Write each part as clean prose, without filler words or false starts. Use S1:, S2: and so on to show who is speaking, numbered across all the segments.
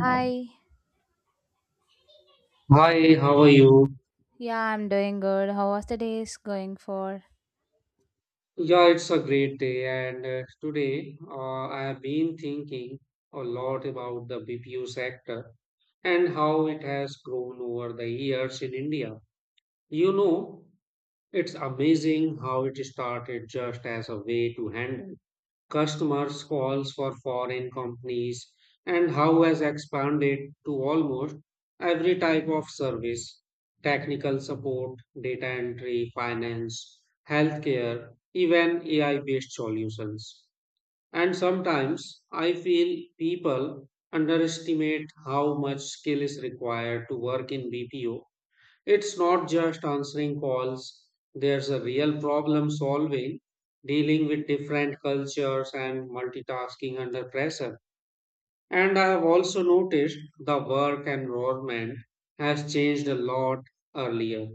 S1: Hi.
S2: Hi, how are you?
S1: Yeah, I'm doing good. How was the days going for?
S2: Yeah, it's a great day, and today I have been thinking a lot about the BPO sector and how it has grown over the years in India. You know, it's amazing how it started just as a way to handle customers calls for foreign companies and how has expanded to almost every type of service, technical support, data entry, finance, healthcare, even ai based solutions. And sometimes I feel people underestimate how much skill is required to work in bpo. It's not just answering calls, there's a real problem solving, dealing with different cultures and multitasking under pressure. And I have also noticed the work environment has changed a lot earlier.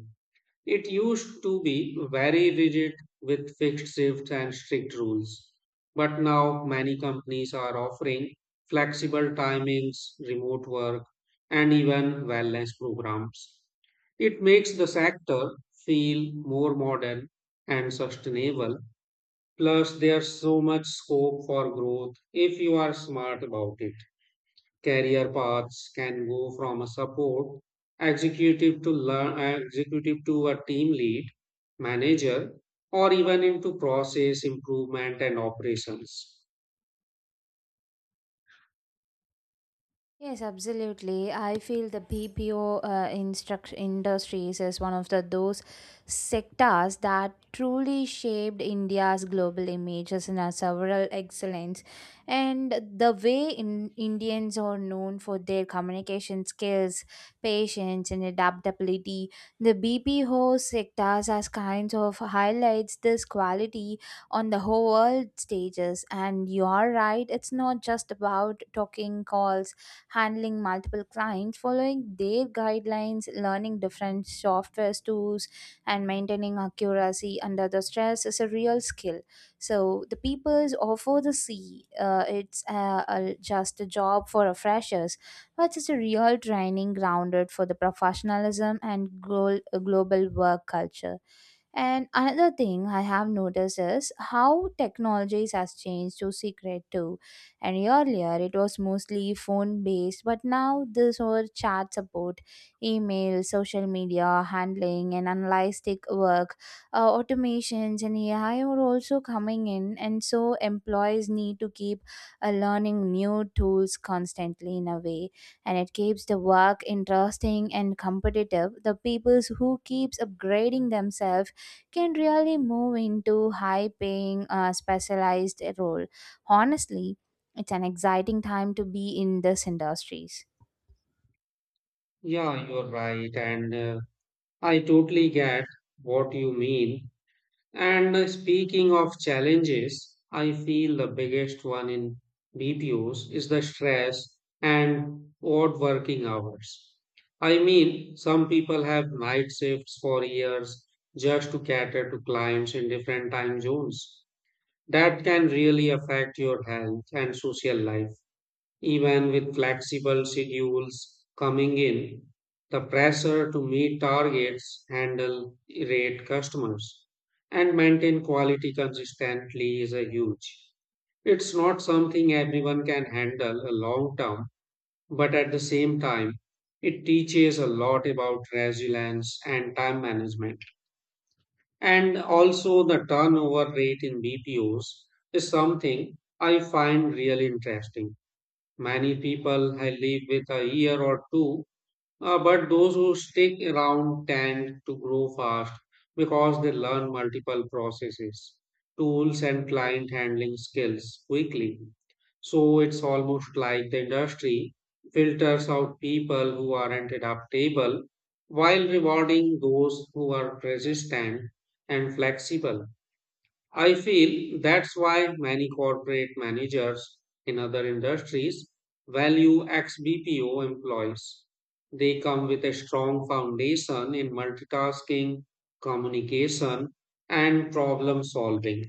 S2: It used to be very rigid with fixed shifts and strict rules, but now many companies are offering flexible timings, remote work, and even wellness programs. It makes the sector feel more modern and sustainable. Plus, there's so much scope for growth if you are smart about it. Career paths can go from a support executive to learn executive to a team lead, manager, or even into process improvement and operations.
S1: Yes, absolutely. I feel the BPO instruct industries is one of the those sectors that truly shaped India's global image as in a several excellence. And the way in Indians are known for their communication skills, patience, and adaptability, the BPO sectors as kinds of highlights this quality on the whole world stages. And you are right, it's not just about talking calls handling multiple clients, following their guidelines, learning different software tools, and maintaining accuracy under the stress is a real skill. So the peoples offer the C. It's a, just a job for a freshers, but it's a real training grounded for the professionalism and global work culture. And another thing I have noticed is how technologies has changed to secret too. And earlier it was mostly phone based, but now this whole chat support, email, social media handling, and analytic work, automations, and AI are also coming in. And so employees need to keep learning new tools constantly in a way, and it keeps the work interesting and competitive. The people who keeps upgrading themselves can really move into high paying specialized role. Honestly, it's an exciting time to be in this industries.
S2: Yeah, you're right. And I totally get what you mean. And speaking of challenges, I feel the biggest one in BPOs is the stress and odd working hours. I mean, some people have night shifts for years just to cater to clients in different time zones. That can really affect your health and social life. Even with flexible schedules coming in, the pressure to meet targets, handle rate customers, and maintain quality consistently is a huge. It's not something everyone can handle a long term, but at the same time, it teaches a lot about resilience and time management. And also, the turnover rate in BPOs is something I find really interesting. Many people I live with a year or two, but those who stick around tend to grow fast because they learn multiple processes, tools, and client handling skills quickly. So it's almost like the industry filters out people who aren't adaptable while rewarding those who are resistant and flexible. I feel that's why many corporate managers in other industries value ex BPO employees. They come with a strong foundation in multitasking, communication, and problem solving.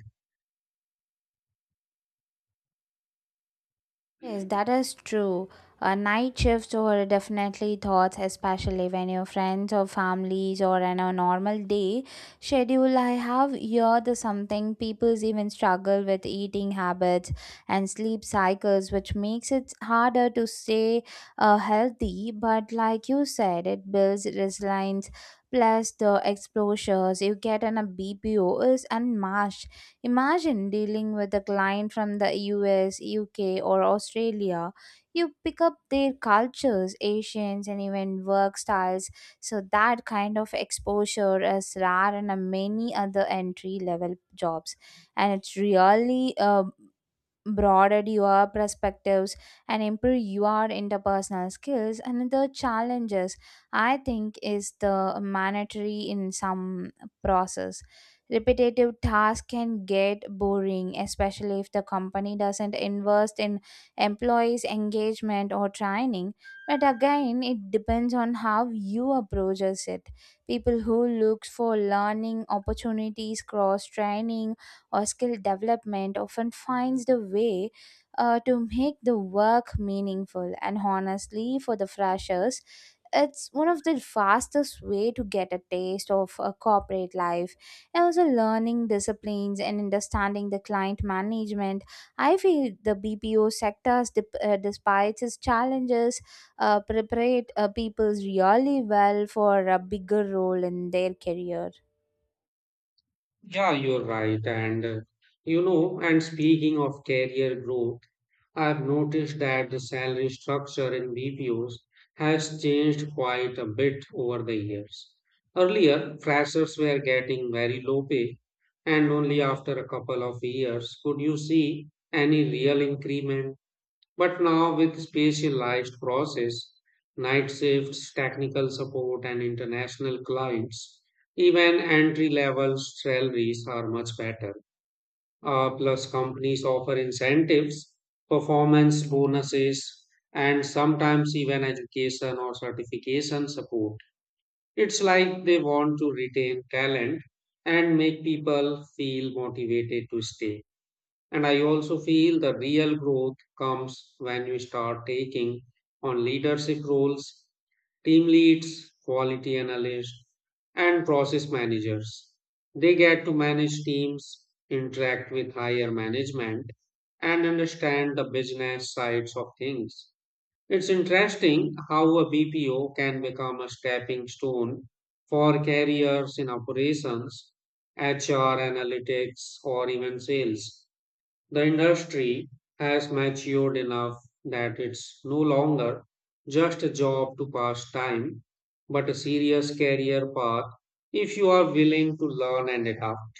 S1: Yes, that is true. Night shifts were definitely thoughts, especially when your friends or families or on a normal day schedule. I have heard the something people even struggle with eating habits and sleep cycles, which makes it harder to stay healthy. But like you said, it builds resilience. Plus the exposures you get in a BPO is unmatched. Imagine dealing with a client from the US, UK, or Australia. You pick up their cultures, Asians, and even work styles. So, that kind of exposure is rare in a many other entry level jobs. And it's really broaden your perspectives and improve your interpersonal skills. Another challenges I think is the mandatory in some process, repetitive tasks can get boring, especially if the company doesn't invest in employees engagement or training. But again it depends on how you approaches it. People who looks for learning opportunities, cross training or skill development often finds the way to make the work meaningful. And honestly, for the freshers, it's one of the fastest way to get a taste of a corporate life and also learning disciplines and understanding the client management. I feel the BPO sectors despite its challenges preparate people really well for a bigger role in their career.
S2: Yeah, you're right. And speaking of career growth, I've noticed that the salary structure in BPOs has changed quite a bit over the years. Earlier, freshers were getting very low pay, and only after a couple of years could you see any real increment. But now, with specialized process, night shifts, technical support, and international clients, even entry level salaries are much better. Plus, companies offer incentives, performance bonuses, and sometimes even education or certification support. It's like they want to retain talent and make people feel motivated to stay. And I also feel the real growth comes when you start taking on leadership roles, team leads, quality analysts, and process managers. They get to manage teams, interact with higher management, and understand the business sides of things. It's interesting how a BPO can become a stepping stone for careers in operations, HR analytics, or even sales. The industry has matured enough that it's no longer just a job to pass time, but a serious career path if you are willing to learn and adapt.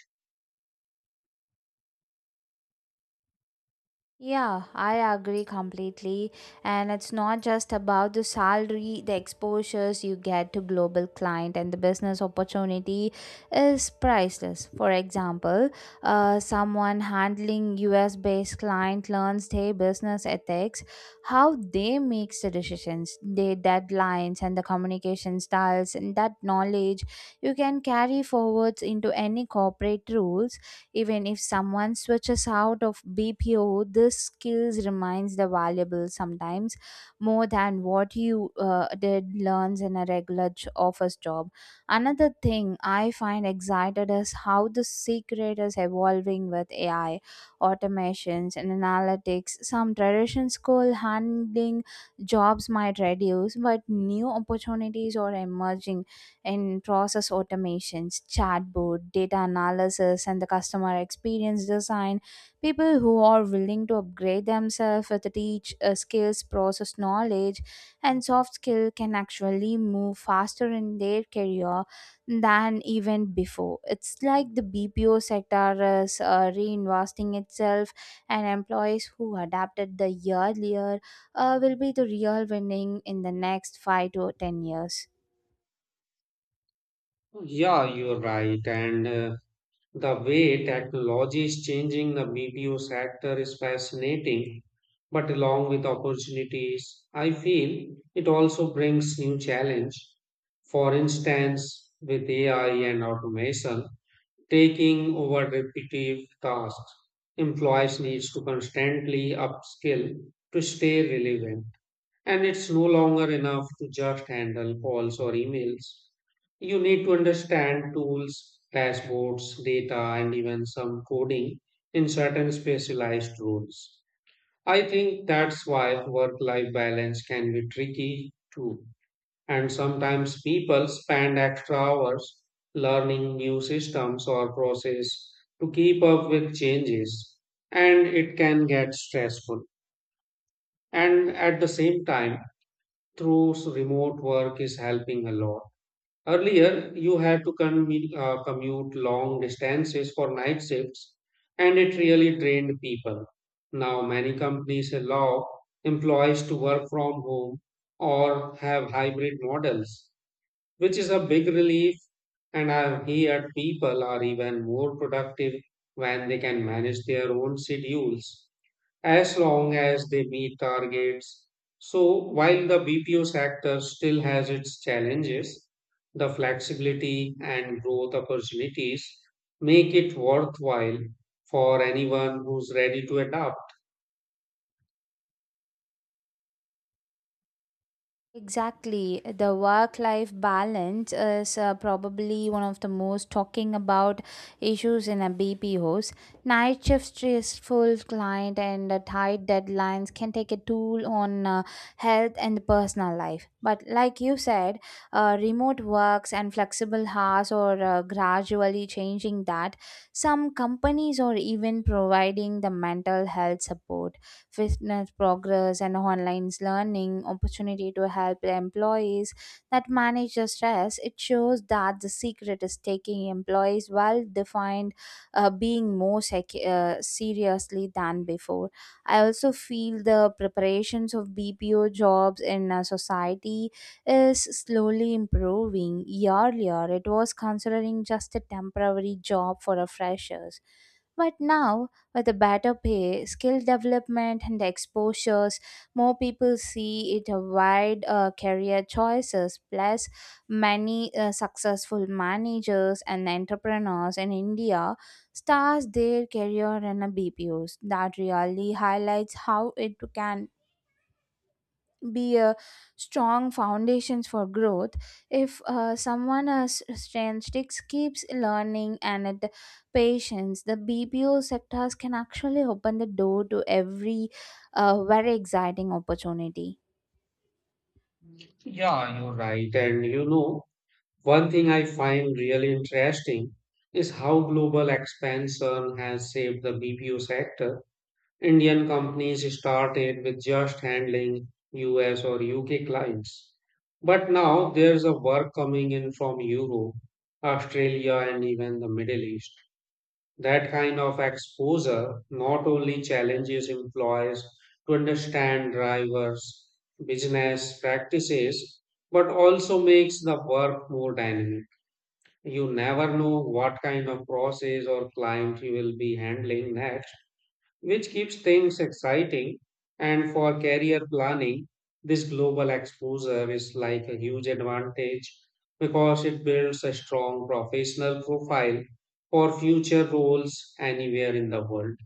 S1: Yeah, I agree completely. And it's not just about the salary, the exposures you get to global client and the business opportunity is priceless. For example, someone handling US based client learns their business ethics, how they makes the decisions, their deadlines and the communication styles, and that knowledge you can carry forwards into any corporate rules. Even if someone switches out of BPO, this skills remains the valuable, sometimes more than what you did learns in a regular office job. Another thing I find excited is how the secret is evolving with AI, automations, and analytics. Some traditional school handling jobs might reduce, but new opportunities are emerging in process automations, chatbot, data analysis, and the customer experience design. People who are willing to upgrade themselves with the teach skills, process knowledge, and soft skill can actually move faster in their career than even before. It's like the BPO sector is reinvesting itself, and employees who adapted the year earlier will be the real winning in the next 5 to 10 years.
S2: Yeah, you're right. And the way technology is changing the BPO sector is fascinating. But along with opportunities, I feel it also brings new challenge. For instance, with AI and automation, taking over repetitive tasks. Employees needs to constantly upskill to stay relevant. And it's no longer enough to just handle calls or emails. You need to understand tools, dashboards, data, and even some coding in certain specialized roles. I think that's why work life balance can be tricky too. And sometimes people spend extra hours learning new systems or process to keep up with changes, and it can get stressful. And at the same time, remote work is helping a lot. Earlier, you had to commute long distances for night shifts, and it really drained people. Now, many companies allow employees to work from home or have hybrid models, which is a big relief. And I've heard people are even more productive when they can manage their own schedules as long as they meet targets. So while the BPO sector still has its challenges, the flexibility and growth opportunities make it worthwhile for anyone who's ready to adapt.
S1: Exactly. The work life balance is probably one of the most talking about issues in a BPOs. Night shift stressful client and tight deadlines can take a toll on health and personal life. But like you said, remote works and flexible hours are gradually changing that. Some companies are even providing the mental health support, fitness progress and online learning opportunity to help employees that manage the stress. It shows that the secret is taking employees well defined being more seriously than before. I also feel the preparations of BPO jobs in society is slowly improving. Earlier it was considering just a temporary job for a freshers, but now, with a better pay, skill development, and exposures, more people see it a wide career choices. Plus, many successful managers and entrepreneurs in India start their career in a BPOs. That really highlights how it can be a strong foundations for growth if someone has strength sticks keeps learning and it patience, the BPO sectors can actually open the door to every very exciting opportunity.
S2: Yeah, you're right. One thing I find really interesting is how global expansion has shaped the BPO sector. Indian companies started with just handling US or UK clients. But now there's a work coming in from Europe, Australia, and even the Middle East. That kind of exposure not only challenges employees to understand drivers' business practices, but also makes the work more dynamic. You never know what kind of process or client you will be handling next, which keeps things exciting. And for career planning, this global exposure is like a huge advantage because it builds a strong professional profile for future roles anywhere in the world.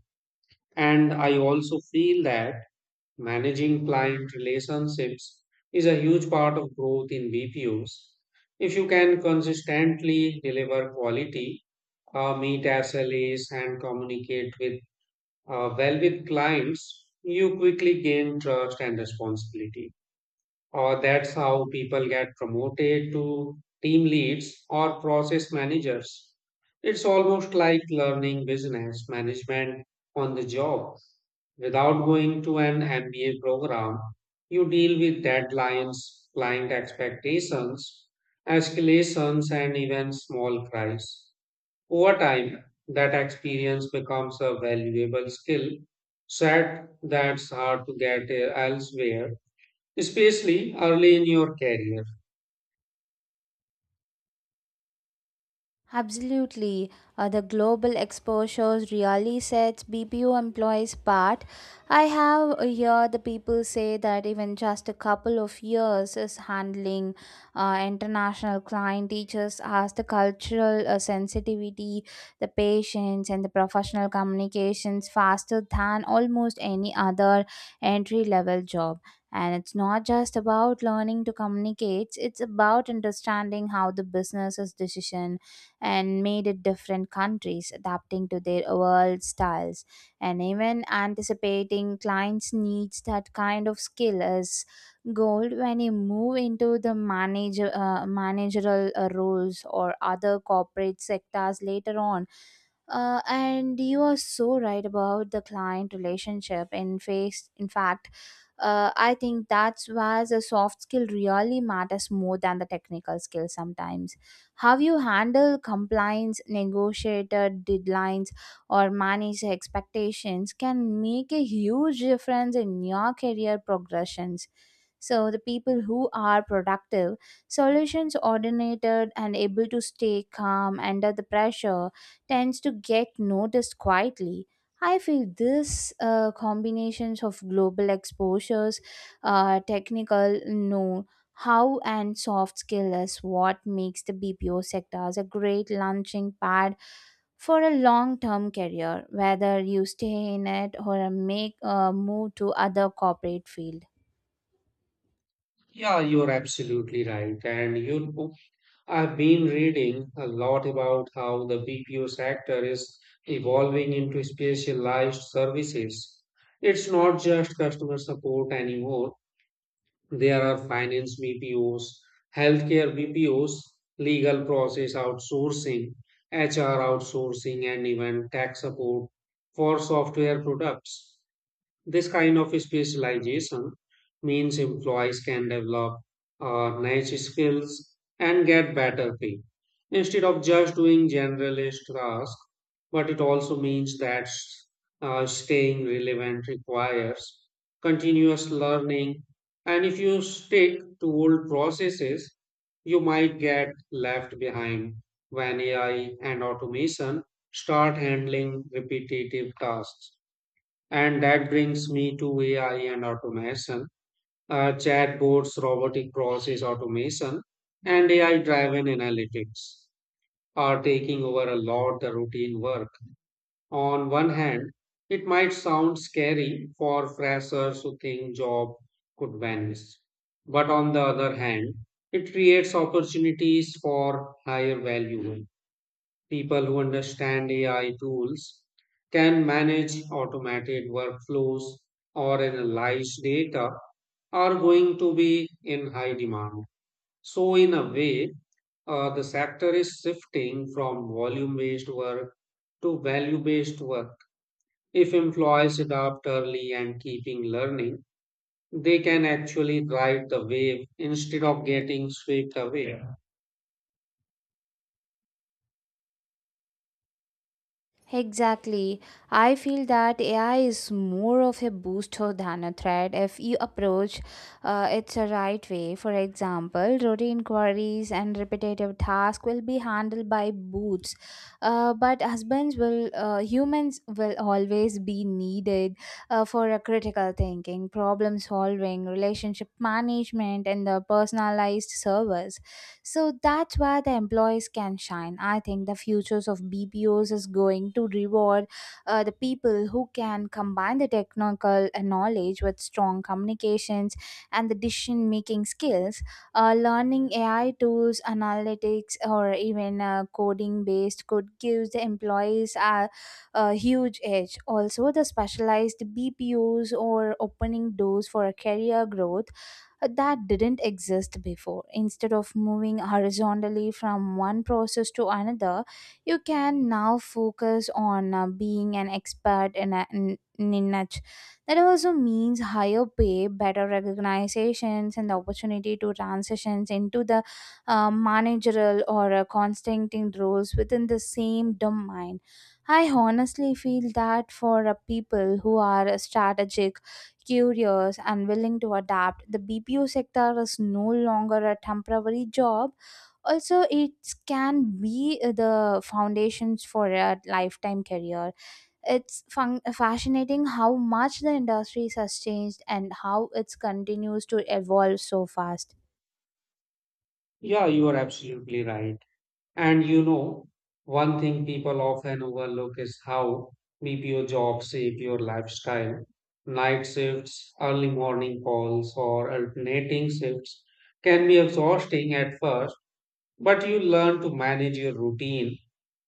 S2: And I also feel that managing client relationships is a huge part of growth in BPOs. If you can consistently deliver quality, meet SLAs and communicate with well with clients, you quickly gain trust and responsibility. Or that's how people get promoted to team leads or process managers. It's almost like learning business management on the job. Without going to an MBA program, you deal with deadlines, client expectations, escalations, and even small cries. Over time, that experience becomes a valuable skill set that's hard to get elsewhere, especially early in your career.
S1: Absolutely. The global exposure really sets BPO employees apart. I have heard the people say that even just a couple of years is handling international client teachers as the cultural sensitivity, the patience, and the professional communications faster than almost any other entry level job. And it's not just about learning to communicate, it's about understanding how the business's decision and made it different countries adapting to their world styles and even anticipating clients needs. That kind of skill is gold when you move into the managerial roles or other corporate sectors later on. And you are so right about the client relationship. In fact, I think that's where the soft skill really matters more than the technical skill sometimes. How you handle compliance, negotiated deadlines, or manage expectations can make a huge difference in your career progressions. So the people who are productive, solutions oriented and able to stay calm under the pressure tends to get noticed quietly. I feel this combinations of global exposures, technical know how and soft skill is what makes the BPO sectors a great launching pad for a long-term career, whether you stay in it or make a move to other corporate field.
S2: Yeah, you're absolutely right. I've been reading a lot about how the BPO sector is evolving into specialized services. It's not just customer support anymore. There are finance BPOs, healthcare BPOs, legal process outsourcing, HR outsourcing, and even tax support for software products. This kind of specialization means employees can develop niche skills and get better pay instead of just doing generalist tasks. But it also means that staying relevant requires continuous learning. And if you stick to old processes, you might get left behind when AI and automation start handling repetitive tasks. And that brings me to AI and automation. Chatbots, robotic process automation, and AI driven analytics are taking over a lot the routine work. On one hand, it might sound scary for freshers who think job could vanish. But on the other hand, it creates opportunities for higher value work. People who understand AI tools, can manage automated workflows or analyze data are going to be in high demand. So, in a way, the sector is shifting from volume based work to value based work. If employees adopt early and keeping learning, they can actually ride the wave instead of getting swept away.
S1: Exactly. I feel that AI is more of a booster than a threat if you approach it the right way. For example, routine queries and repetitive tasks will be handled by boots, but husbands will humans will always be needed for a critical thinking, problem solving, relationship management, and the personalized service. So that's where the employees can shine. I think the futures of BPOs is going to reward the people who can combine the technical knowledge with strong communications and the decision making skills. Learning AI tools, analytics, or even coding based could give the employees a huge edge. Also, the specialized BPOs or opening doors for a career growth that didn't exist before. Instead of moving horizontally from one process to another, you can now focus on being an expert in a in a niche. That also means higher pay, better recognitions, and the opportunity to transitions into the managerial or constraining roles within the same domain. I honestly feel that for people who are strategic, curious, and willing to adapt. The BPO sector is no longer a temporary job. Also, it can be the foundations for a lifetime career. It's fascinating how much the industry has changed and how it continues to evolve so fast.
S2: Yeah, you are absolutely right. And you know, one thing people often overlook is how BPO jobs shape your lifestyle. Night shifts, early morning calls, or alternating shifts can be exhausting at first, but you learn to manage your routine,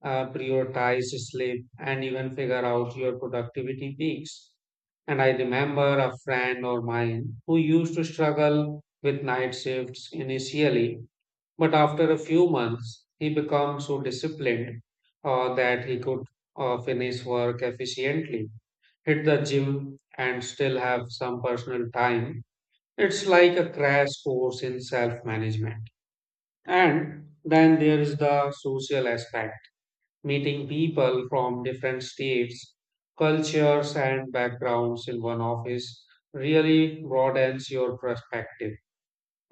S2: prioritize sleep, and even figure out your productivity peaks. And I remember a friend of mine who used to struggle with night shifts initially but after a few months, he became so disciplined that he could finish work efficiently, hit the gym, and still have some personal time. It's like a crash course in self management. And then there is the social aspect, meeting people from different states, cultures, and backgrounds in one office really broadens your perspective.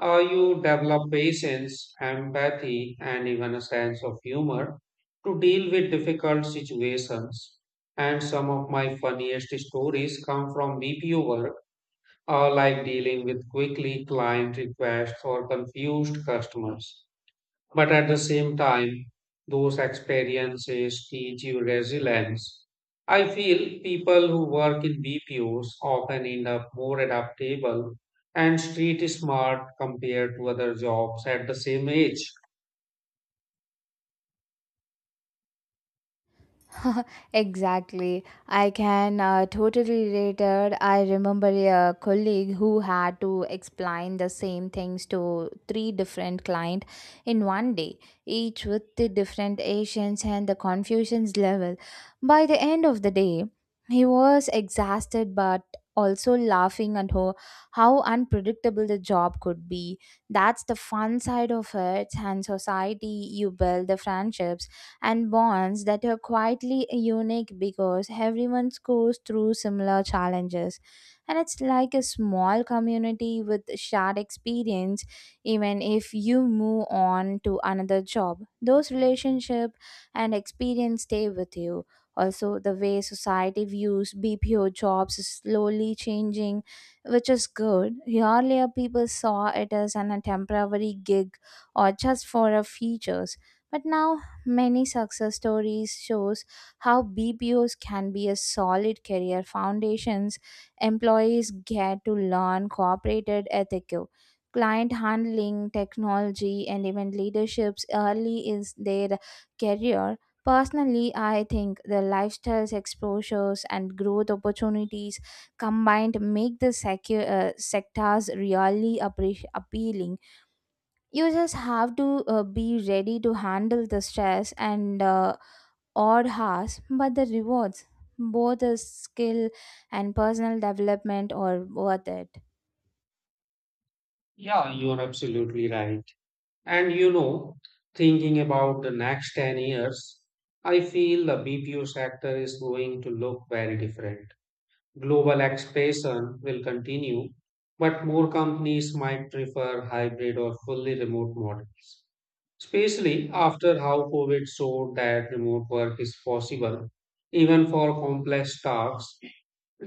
S2: You develop patience, empathy, and even a sense of humor to deal with difficult situations. And some of my funniest stories come from BPO work, like dealing with quickly client requests or confused customers. But at the same time, those experiences teach you resilience. I feel people who work in BPOs often end up more adaptable and street smart compared to other jobs at the same age.
S1: Exactly. I can totally relate it. I remember a colleague who had to explain the same things to three different clients in one day, each with the different Asians and the confusions level. By the end of the day, he was exhausted but also laughing at how unpredictable the job could be. That's the fun side of it, and society you build the friendships and bonds that are quietly unique because everyone goes through similar challenges. And it's like a small community with shared experience, even if you move on to another job. Those relationships and experience stay with you. Also, the way society views BPO jobs is slowly changing, which is good. Earlier, people saw it as a temporary gig or just for a features. But now many success stories shows how BPOs can be a solid career foundations. Employees get to learn corporate ethics, client handling, technology, and even leaderships early in their career. Personally, I think the lifestyles exposures and growth opportunities combined make the sectors really appealing. You just have to be ready to handle the stress and odd hours, but the rewards, both the skill and personal development, are worth it.
S2: Yeah, you're absolutely right. And you know, thinking about the next 10 years, I feel the BPO sector is going to look very different. Global expansion will continue, but more companies might prefer hybrid or fully remote models, especially after how COVID showed that remote work is possible, even for complex tasks.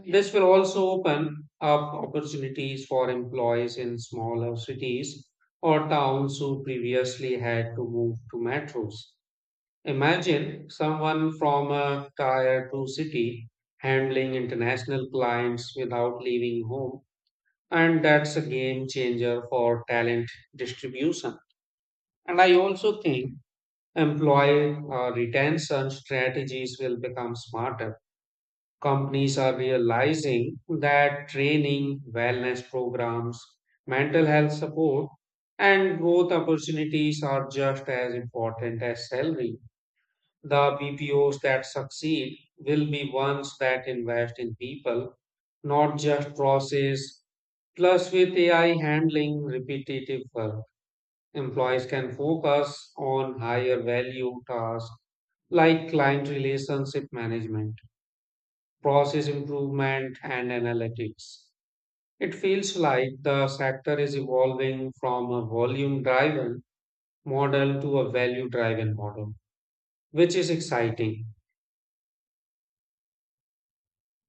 S2: This will also open up opportunities for employees in smaller cities or towns who previously had to move to metros. Imagine someone from a tier 2 city handling international clients without leaving home, and that's a game changer for talent distribution. And I also think employee retention strategies will become smarter. Companies are realizing that training, wellness programs, mental health support, and growth opportunities are just as important as salary. The BPOs that succeed will be ones that invest in people, not just process. Plus, with AI handling repetitive work, employees can focus on higher value tasks like client relationship management, process improvement, and analytics. It feels like the sector is evolving from a volume driven model to a value driven model, which is exciting.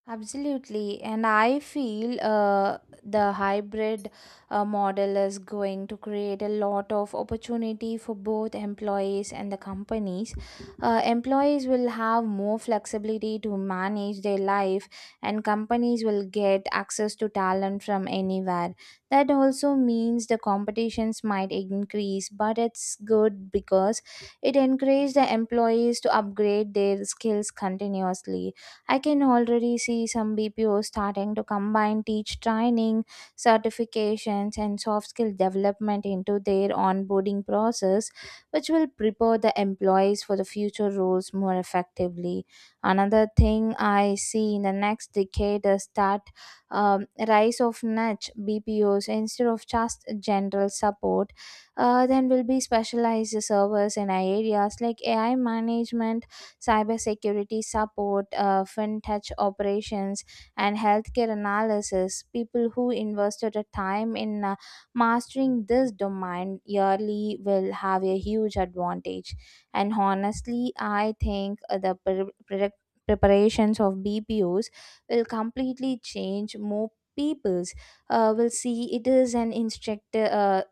S1: Absolutely, and I feel the hybrid model is going to create a lot of opportunity for both employees and the companies. Employees will have more flexibility to manage their life, and companies will get access to talent from anywhere. That also means the competitions might increase, but it's good because it encourages the employees to upgrade their skills continuously. I can already see some BPOs starting to combine teach training, certifications, and soft skill development into their onboarding process, which will prepare the employees for the future roles more effectively. Another thing I see in the next decade is that rise of niche BPOs instead of just general support. Then will be specialized servers in areas like AI management, cybersecurity support, fintech operations, and healthcare analysis. People who invested a time in mastering this domain yearly will have a huge advantage. And honestly, I think The preparations of BPOs will completely change more people's will see it is an instructor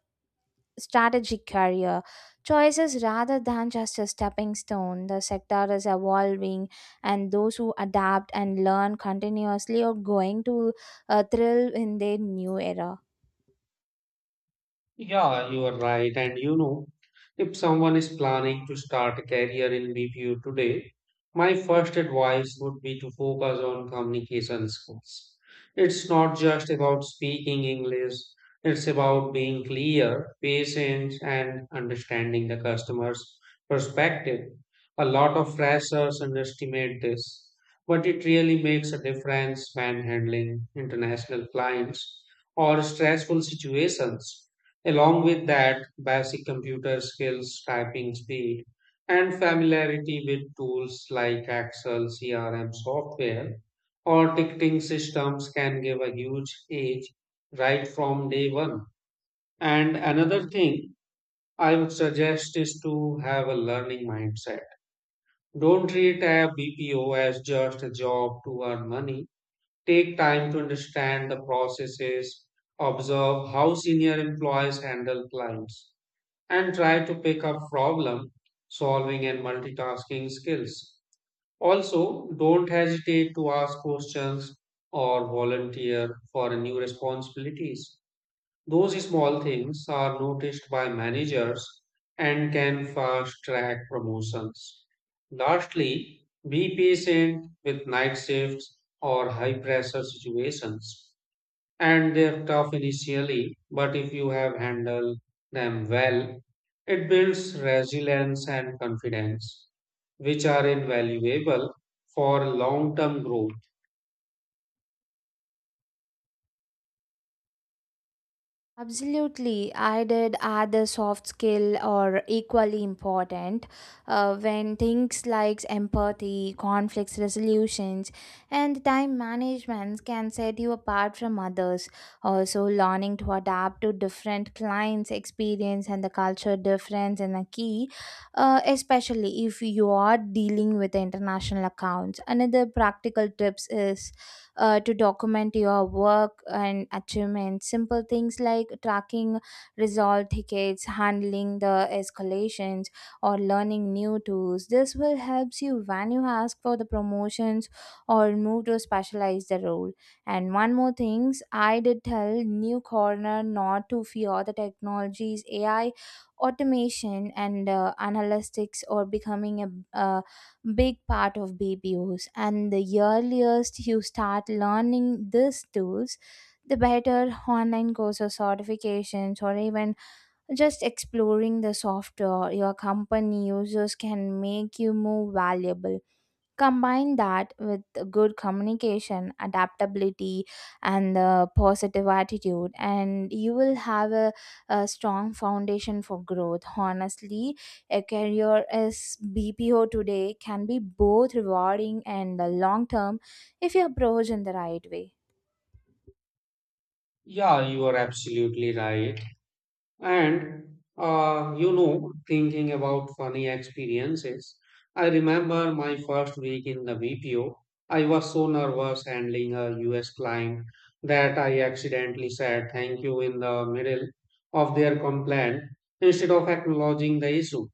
S1: strategic career choices rather than just a stepping stone. The sector is evolving, and those who adapt and learn continuously are going to thrill in their new era.
S2: Yeah, you are right. If someone is planning to start a career in BPO today, my first advice would be to focus on communication skills. It's not just about speaking English, it's about being clear, patient, and understanding the customer's perspective. A lot of freshers underestimate this, but it really makes a difference when handling international clients or stressful situations. Along with that, basic computer skills, typing speed, and familiarity with tools like Excel, CRM software, or ticketing systems can give a huge edge right from day one. And another thing I would suggest is to have a learning mindset. Don't treat a BPO as just a job to earn money. Take time to understand the processes, observe how senior employees handle clients and try to pick up problem solving and multitasking skills. Also, don't hesitate to ask questions or volunteer for new responsibilities. Those small things are noticed by managers and can fast track promotions. Lastly, be patient with night shifts or high pressure situations and they're tough initially, but if you have handled them well, it builds resilience and confidence, which are invaluable for long term growth.
S1: Absolutely. I did add the soft skill or equally important when things like empathy, conflict resolutions, and time management can set you apart from others. Also, learning to adapt to different clients' experience and the culture difference in a key, especially if you are dealing with international accounts. Another practical tips is to document your work and achievements. Simple things like tracking resolved tickets, handling the escalations, or learning new tools. This will help you when you ask for the promotions or move to specialize the role. And one more things, I did tell New Corner not to fear the technologies, AI, automation, and analytics or becoming a big part of BPOs, and the earliest you start learning these tools, the better. Online courses, certifications, or even just exploring the software your company uses can make you more valuable. Combine that with good communication, adaptability, and the positive attitude, and you will have a strong foundation for growth. Honestly, a career as BPO today can be both rewarding and long term if you approach in the right way.
S2: Yeah, you are absolutely right. And thinking about funny experiences, I remember my first week in the BPO. I was so nervous handling a US client that I accidentally said thank you in the middle of their complaint instead of acknowledging the issue.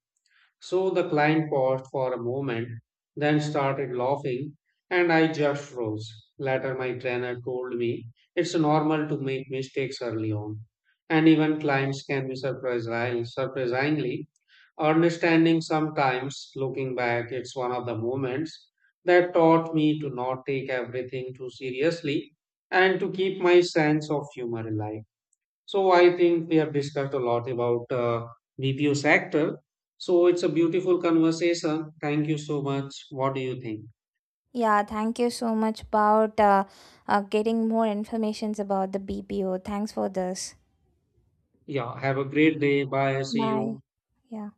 S2: So the client paused for a moment, then started laughing, and I just froze. Later, my trainer told me it's normal to make mistakes early on, and even clients can be surprising, surprisingly understanding sometimes. Looking back, it's one of the moments that taught me to not take everything too seriously and to keep my sense of humor alive. So I think we have discussed a lot about BPO sector. So it's a beautiful conversation. Thank you so much. What do you think?
S1: Yeah, thank you so much about getting more informations about the BPO. Thanks for this.
S2: Yeah, have a great day. Bye. See
S1: Bye.
S2: you.
S1: Yeah.